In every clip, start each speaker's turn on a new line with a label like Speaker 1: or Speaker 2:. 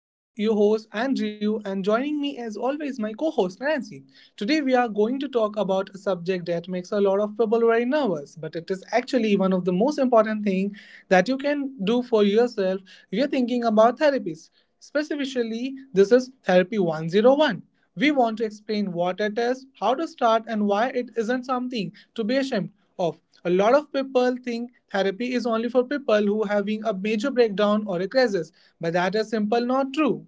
Speaker 1: I'm your host, Andrew, and joining me, as always, my co host, Nancy. Today, we are going to talk about a subject that makes a lot of people very nervous, but it is actually one of the most important things that you can do for yourself if you're thinking about therapies. Specifically, this is Therapy 101. We want to explain what it is, how to start, and why it isn't something to be ashamed of. A lot of people think therapy is only for people who are having a major breakdown or a crisis, but that is simply not true.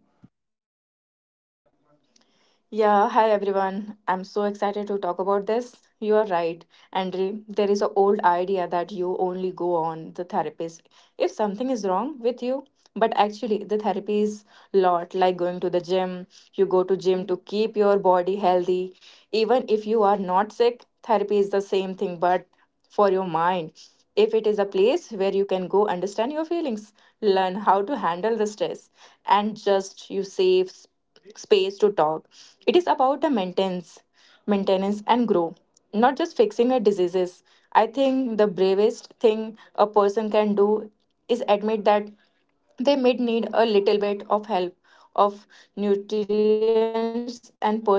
Speaker 2: Yeah, hi everyone. I'm so excited to talk about this. You are right, Andre. There is an old idea that you only go on the therapist if something is wrong with you. But actually, the therapy is lot like going to the gym. You go to gym to keep your body healthy. Even if you are not sick, therapy is the same thing but for your mind. If it is a place where you can go understand your feelings, learn how to handle the stress, and just space to talk. It is about the maintenance and grow, not just fixing a diseases. I think the bravest thing a person can do is admit that they may need a little bit of help of nutrients and person to talk.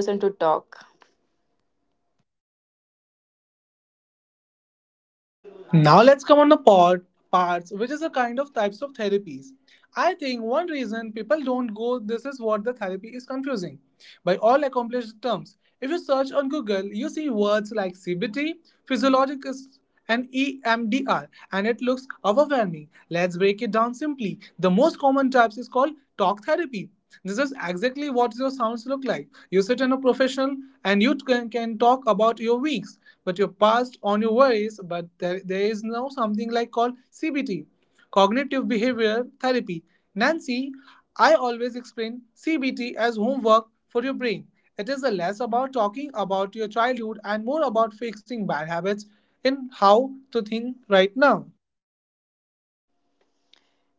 Speaker 1: Now let's come on the parts, which is a kind of types of therapies. I think one reason people don't go this is what the therapy is confusing. By all accomplished terms, if you search on Google, you see words like CBT, physiologist, and EMDR, and it looks overwhelming. Let's break it down simply. The most common types is called talk therapy, this is exactly what your sounds look like. You sit in a professional and you can talk about your weeks, but your past on your worries, but there is now something like called CBT, Cognitive Behavior Therapy. Nancy, I always explain CBT as homework for your brain. It is less about talking about your childhood and more about fixing bad habits in how to think right now.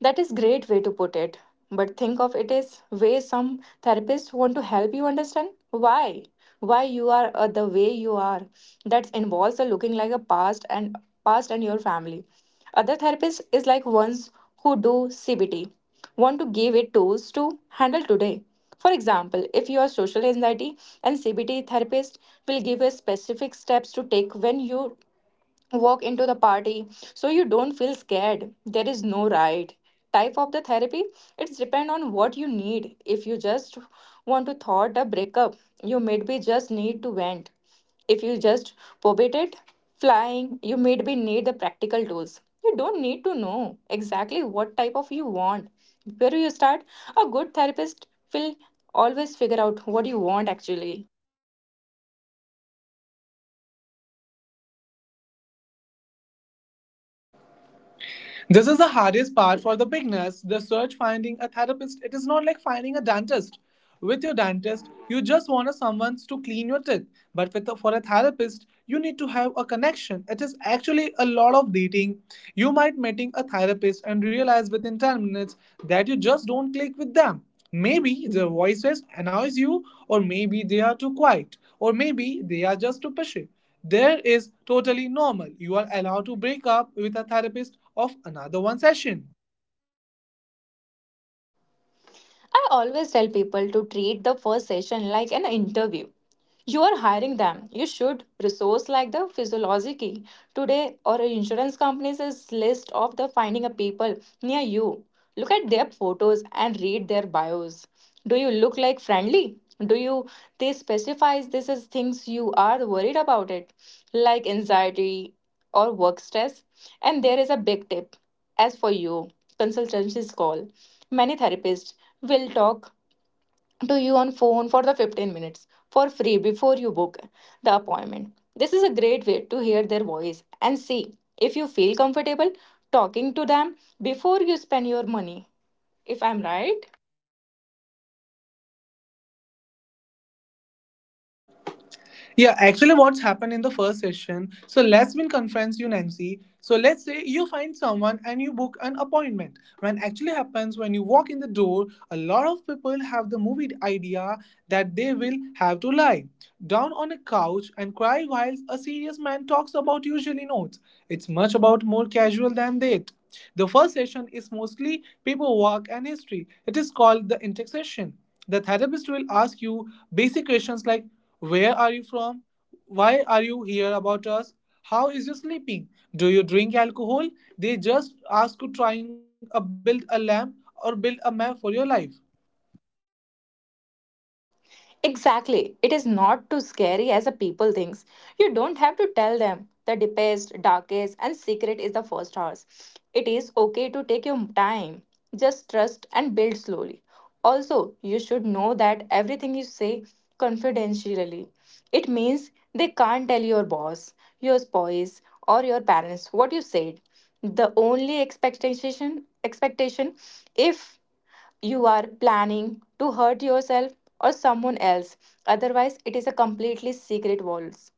Speaker 2: That is great way to put it, but think of it as way some therapists want to help you understand why you are the way you are. That involves a looking like a past and your family. Other therapists is like ones who do CBT want to give it tools to handle today. For example, if you are social anxiety, and CBT therapist will give you specific steps to take when you walk into the party so you don't feel scared. There is no right type of the therapy. It's depend on what you need. If you just want to thought a breakup, you maybe just need to vent. If you just probate flying, you maybe need the practical tools. You don't need to know exactly what type of you want where you start. A good therapist will always figure out what you want actually.
Speaker 1: This is the hardest part for the beginners. The search finding a therapist, it is not like finding a dentist. With your dentist, you just want someone to clean your teeth. But for a therapist, you need to have a connection. It is actually a lot of dating. You might meeting a therapist and realize within 10 minutes that you just don't click with them. Maybe their voices annoys you, or maybe they are too quiet, or maybe they are just too pushy. There is totally normal. You are allowed to break up with a therapist of another one session.
Speaker 2: I always tell people to treat the first session like an interview. You are hiring them. You should resource like the physiology today or insurance companies is list of the finding a people near you. Look at their photos and read their bios. Do you look like friendly? Do you they specifies this as things you are worried about it, like anxiety or work stress? And there is a big tip as for you consultancies call. Many therapists will talk to you on phone for the 15 minutes for free before you book the appointment. This is a great way to hear their voice and see if you feel comfortable talking to them before you spend your money. If I'm right?
Speaker 1: Yeah, actually, what's happened in the first session? So let's been conference you, Nancy. So let's say you find someone and you book an appointment. When actually happens when you walk in the door, a lot of people have the movie idea that they will have to lie down on a couch and cry while a serious man talks about usually notes. It's much about more casual than that. The first session is mostly paperwork and history. It is called the intake session. The therapist will ask you basic questions like where are you from? Why are you here about us? How is your sleeping? Do you drink alcohol? They just ask you trying to build a lamp or build a map for your life.
Speaker 2: Exactly. It is not too scary as a people thinks. You don't have to tell them the deepest, darkest, and secret is the first horse. It is okay to take your time. Just trust and build slowly. Also, you should know that everything you say confidentially. It means they can't tell your boss, your spouse, or your parents what you said. The only expectation if you are planning to hurt yourself or someone else. Otherwise, it is a completely secret walls.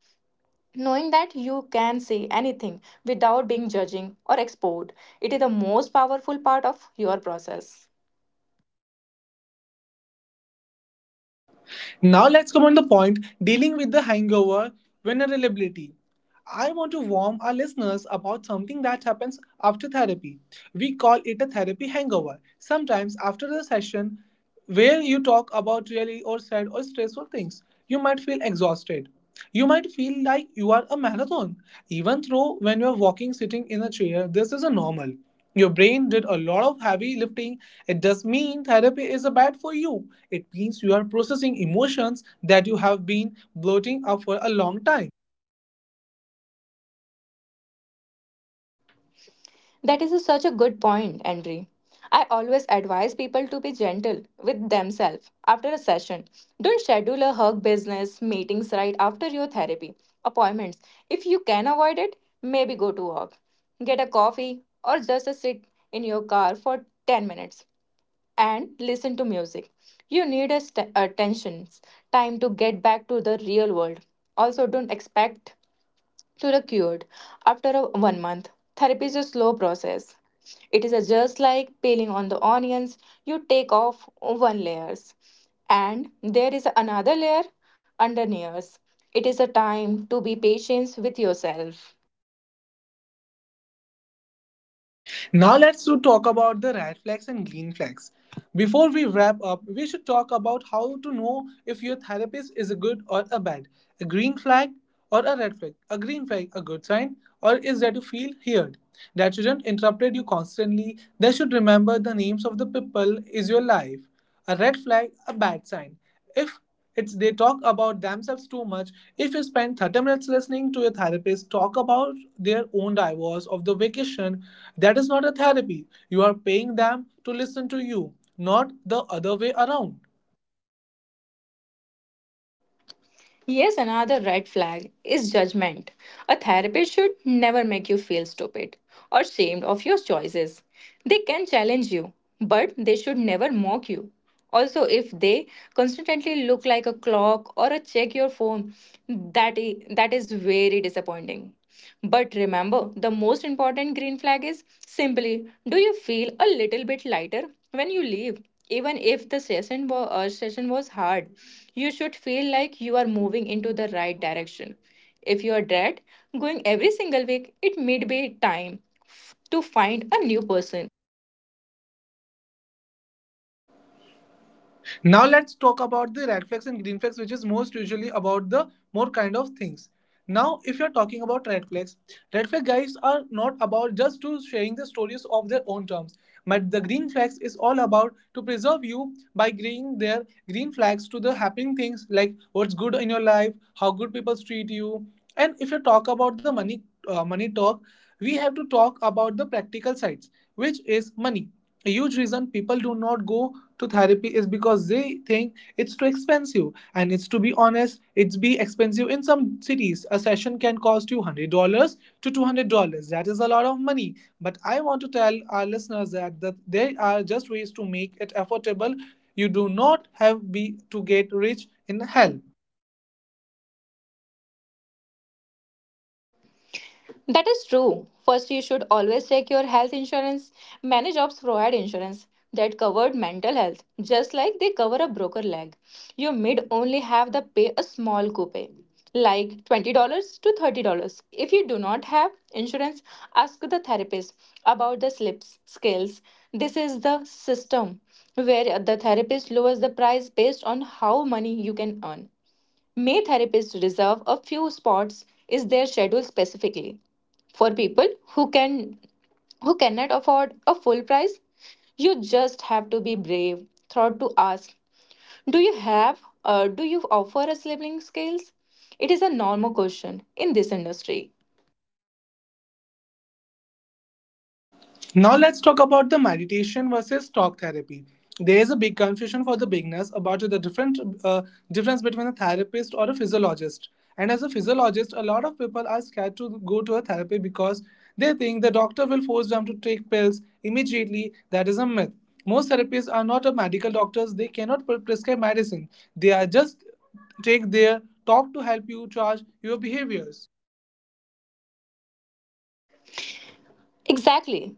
Speaker 2: Knowing that you can say anything without being judging or exposed, it is the most powerful part of your process.
Speaker 1: Now let's come on the point dealing with the hangover vulnerability. I want to warn our listeners about something that happens after therapy. We call it a therapy hangover. Sometimes after the session where you talk about really or sad or stressful things, you might feel exhausted. You might feel like you are a marathon. Even though when you're walking sitting in a chair, this is a normal. Your brain did a lot of heavy lifting. It does mean therapy is a bad for you. It means you are processing emotions that you have been bloating up for a long time.
Speaker 2: Such a good point, Andre. I always advise people to be gentle with themselves after a session. Don't schedule a hug business meetings right after your therapy appointments. If you can avoid it, maybe go to walk, get a coffee, or just a sit in your car for 10 minutes and listen to music. You need a attention time to get back to the real world. Also, don't expect to the cured after 1 month. Therapy is a slow process. It is a just like peeling on the onions. You take off one layers, and there is another layer underneath. It is a time to be patient with yourself.
Speaker 1: Now let's to talk about the red flags and green flags. Before we wrap up, we should talk about how to know if your therapist is a good or a bad. A green flag or a red flag. A green flag a good sign or is that you feel heard. That shouldn't interrupt you constantly. They should remember the names of the people is your life. A red flag a bad sign if it's they talk about themselves too much if you spend 30 minutes listening to your therapist talk about their own divorce of the vacation that is not a therapy. You are paying them to listen to you, not the other way around.
Speaker 2: Yes, another red flag is judgment. A therapist should never make you feel stupid or ashamed of your choices. They can challenge you, but they should never mock you. Also, if they constantly look like a clock or a check your phone, that is very disappointing. But remember, the most important green flag is simply, do you feel a little bit lighter when you leave? Even if the session was hard, you should feel like you are moving into the right direction. If you are dead going every single week, it may be time to find a new person.
Speaker 1: Now let's talk about the red flags and green flags, which is most usually about the more kind of things. Now, if you're talking about red flags, red flag guys are not about just to sharing the stories of their own terms, but the green flags is all about to preserve you by bringing their green flags to the happening things like what's good in your life, how good people treat you, and if you talk about the money money talk, we have to talk about the practical sides, which is money. A huge reason people do not go to therapy is because they think it's too expensive, and it's to be honest it's be expensive. In some cities a session can cost you $100 to $200. That is a lot of money, but I want to tell our listeners that there are just ways to make it affordable. You do not have be to get rich in hell.
Speaker 2: That is true. First, you should always check your health insurance. Many jobs provide insurance that covered mental health, just like they cover a broken leg. You may only have the pay a small coupe, like $20 to $30. If you do not have insurance, ask the therapist about the slips scales. This is the system where the therapist lowers the price based on how money you can earn. May therapists reserve a few spots is their schedule specifically for people who can who cannot afford a full price. You just have to be brave, thought to ask, do you have do you offer a sibling scales? It is a normal question in this industry.
Speaker 1: Now let's talk about the meditation versus talk therapy. There is a big confusion for the beginners about the different difference between a therapist or a physiologist. And as a physiologist, a lot of people are scared to go to a therapy because they think the doctor will force them to take pills immediately. That is a myth. Most therapists are not a medical doctors. They cannot prescribe medicine. They are just take their talk to help you charge your behaviors.
Speaker 2: Exactly.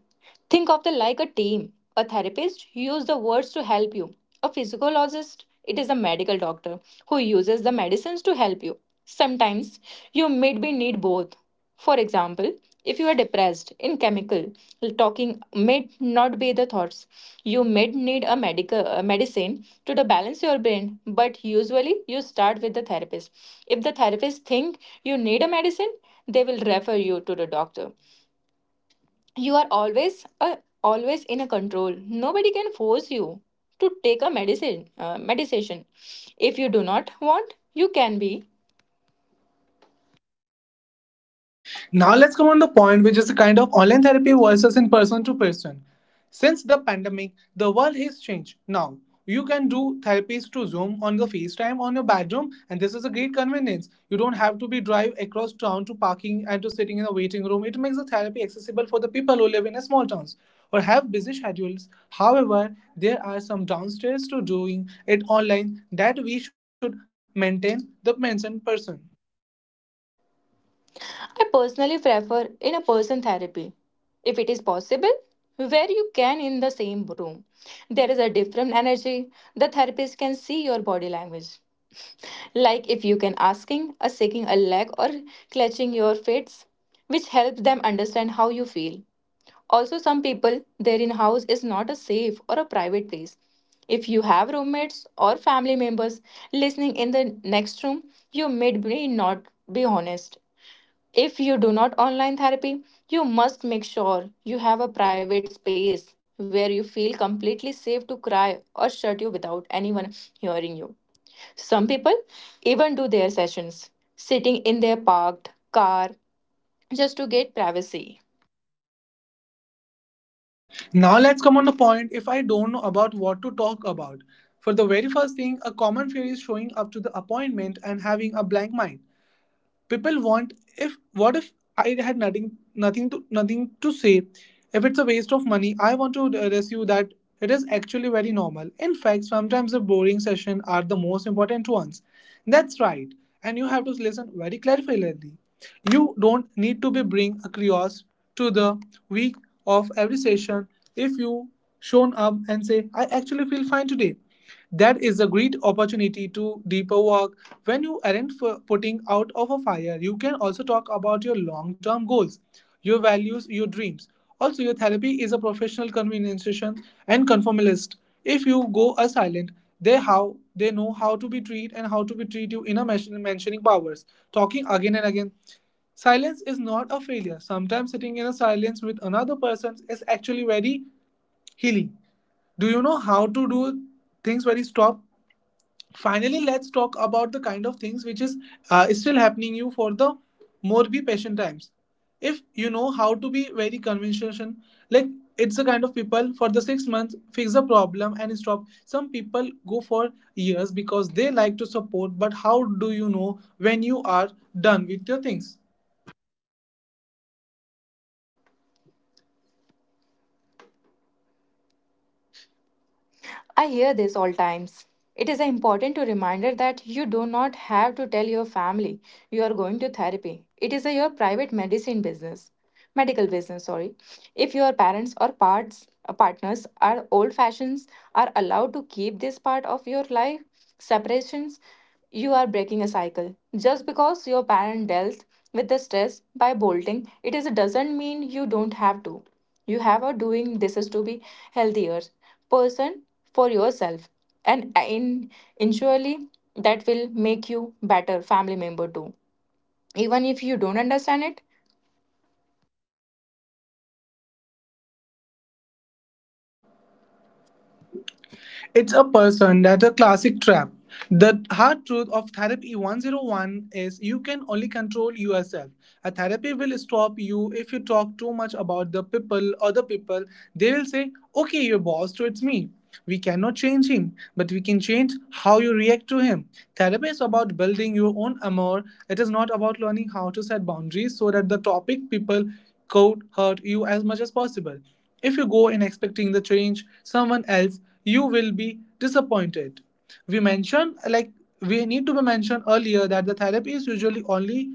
Speaker 2: Think of them like a team. A therapist uses the words to help you. A physiologist, it is a medical doctor who uses the medicines to help you. Sometimes you maybe need both. For example, if you are depressed in chemical, talking may not be the thoughts. You may need a medicine to the balance your brain, but usually you start with the therapist. If the therapist think you need a medicine, they will refer you to the doctor. You are always in a control. Nobody can force you to take a medicine medication if you do not want. You can be.
Speaker 1: Now let's come on the point which is the kind of online therapy versus in person to person. Since the pandemic, the world has changed. Now you can do therapies to Zoom on the FaceTime on your bedroom, and this is a great convenience. You don't have to be drive across town to parking and to sitting in a waiting room. It makes the therapy accessible for the people who live in a small towns or have busy schedules. However, there are some downstairs to doing it online that we should maintain the mentioned person.
Speaker 2: I personally prefer in a person therapy if it is possible, where you can in the same room. There is a different energy. The therapist can see your body language, like if you can asking a shaking a leg or clutching your fists, which helps them understand how you feel. Also, some people, their in house is not a safe or a private place. If you have roommates or family members listening in the next room, you may be not be honest. If you do not online therapy, you must make sure you have a private space where you feel completely safe to cry or shut you without anyone hearing you. Some people even do their sessions sitting in their parked car just to get privacy.
Speaker 1: Now let's come on the point if I don't know about what to talk about. For the very first thing, a common fear is showing up to the appointment and having a blank mind. People want if what if I had nothing to say, if it's a waste of money. I want to address you that it is actually very normal. In fact, sometimes the boring sessions are the most important ones. That's right, and you have to listen very carefully. You don't need to be bring a curious to the week of every session. If you shown up and say I actually feel fine today, that is a great opportunity to deeper work. When you aren't putting out of a fire, you can also talk about your long-term goals, your values, your dreams. Also, your therapy is a professional conversation and conformist. If you go a silent, they how they know how to be treated and how to be treat you in a mentioning powers. Talking again and again. Silence is not a failure. Sometimes sitting in a silence with another person is actually very healing. Do you know how to do things very stop? Finally, let's talk about the kind of things which is still happening you for the more be patient times. If you know how to be very conventional, like, it's the kind of people for the 6 months fix the problem and stop. Some people go for years because they like to support, but how do you know when you are done with your things?
Speaker 2: I hear this all times. It is an important to reminder that you do not have to tell your family you are going to therapy. It is a your private medicine business, medical business. Sorry, if your parents or parts partners are old fashions are allowed to keep this part of your life separations. You are breaking a cycle. Just because your parent dealt with the stress by bolting, it is doesn't mean you don't have to. You have a doing this is to be healthier person for yourself and in insurely that will make you better family member too. Even if you don't understand it,
Speaker 3: It's a person that a classic trap. The hard truth of therapy 101 is you can only control yourself. A therapy will stop you if you talk too much about the people or the people. They will say, "Okay, your boss, so it's me." We cannot change him, but we can change how you react to him. Therapy is about building your own amour. It is not about learning how to set boundaries so that the topic people could hurt you as much as possible. If you go in expecting the change someone else, you will be disappointed. We mentioned like we need to be mentioned earlier that the therapy is usually only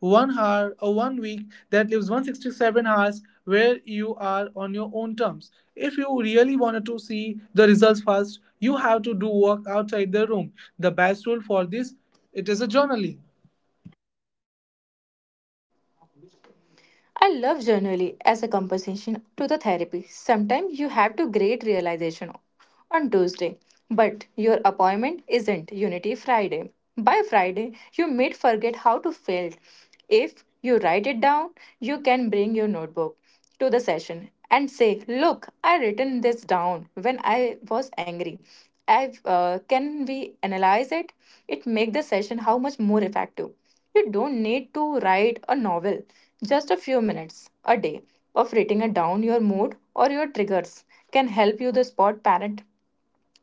Speaker 3: 1 hour or 1 week that leaves 167 hours where you are on your own terms. If you really wanted to see the results fast, you have to do work outside the room. The best tool for this it is a journaling.
Speaker 2: I love journaling as a compensation to the therapy. Sometimes you have to great realization on Tuesday, but your appointment isn't Unity Friday. By Friday, you may forget how to feel. If you write it down, you can bring your notebook to the session and say, "Look, I written this down when I was angry. I Can we analyze it? It make the session how much more effective. You don't need to write a novel, just a few minutes a day of writing it down your mood or your triggers can help you to spot parent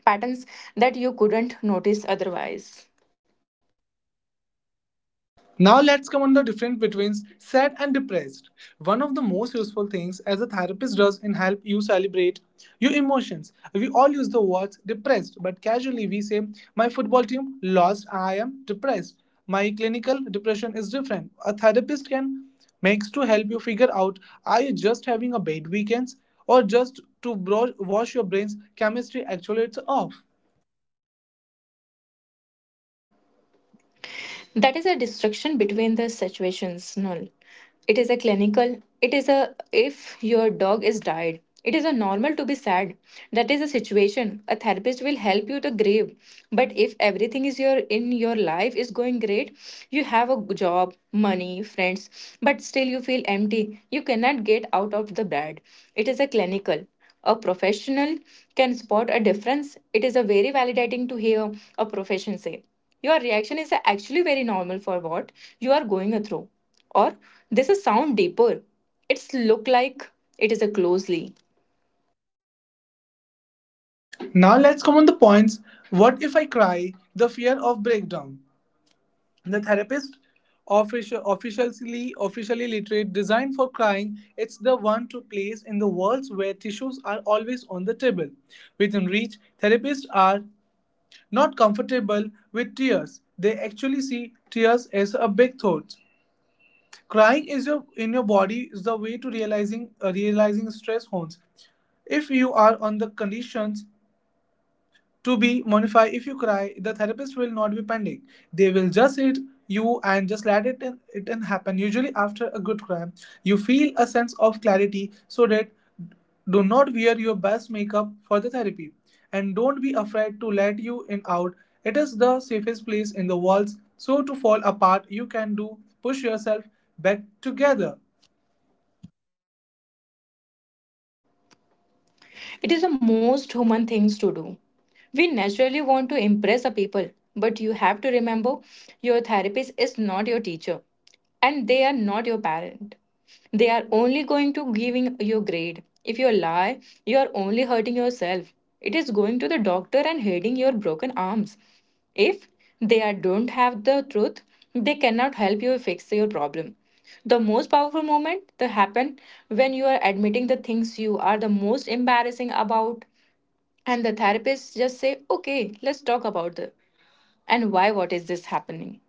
Speaker 2: patterns that you couldn't notice otherwise.
Speaker 3: Now let's come on the difference between sad and depressed. One of the most useful things as a therapist does in help you celebrate your emotions. We all use the words depressed, but casually we say my football team lost, I am depressed. My clinical depression is different. A therapist can makes to help you figure out are you just having a bad weekends or just to wash your brain's chemistry actually it's off.
Speaker 2: That is a distinction between the situational. It is a clinical. It is a if your dog is died. It is a normal to be sad. That is a situation. A therapist will help you to grieve. But if everything is your in your life is going great, you have a job, money, friends, but still you feel empty. You cannot get out of the bed. It is a clinical. A professional can spot a difference. It is a very validating to hear a profession say. Your reaction is actually very normal for what you are going through. Or this is sound deeper. It's look like it is a closely.
Speaker 3: Now let's come on the points. What if I cry? The fear of breakdown. The therapist, officially literate, designed for crying, it's the one to place in the worlds where tissues are always on the table. Within reach, therapists are not comfortable with tears. They actually see tears as a big thought. Crying is your in your body is the way to realizing realizing stress hormones. If you are on the conditions to be Monify, if you cry, the therapist will not be pending. They will just hit you and just let it in, it in happen. Usually, after a good cry, you feel a sense of clarity so that do not wear your best makeup for the therapy and don't be afraid to let you in out. It is the safest place in the walls. So to fall apart, you can do push yourself back together.
Speaker 2: It is the most human things to do. We naturally want to impress the people, but you have to remember your therapist is not your teacher and they are not your parent. They are only going to giving your grade. If you lie, you are only hurting yourself. It is going to the doctor and hiding your broken arms. If don't have the truth, they cannot help you fix your problem. The most powerful moment that happen when you are admitting the things you are the most embarrassing about, and the therapist just say, "Okay, let's talk about the and why. What is this happening?"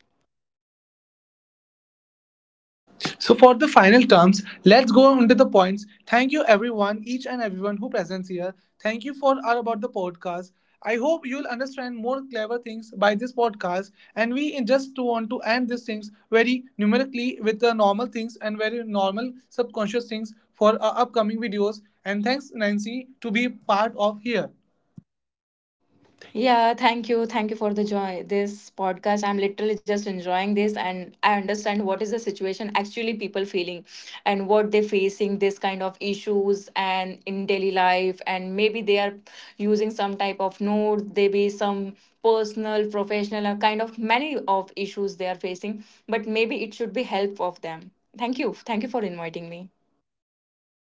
Speaker 3: So for the final terms, let's go on to the points. Thank you everyone, each and everyone who presents here. Thank you for all about the podcast. I hope you'll understand more clever things by this podcast. And just want to end these things very numerically with the normal things and very normal subconscious things for our upcoming videos. And thanks Nancy to be part of here.
Speaker 2: Yeah, thank you. Thank you for the joy. This podcast, I'm literally just enjoying this and I understand what is the situation actually people feeling and what they facing this kind of issues and in daily life and maybe they are using some type of notes, they be some personal, professional kind of many of issues they are facing, but maybe it should be help of them. Thank you. Thank you for inviting me.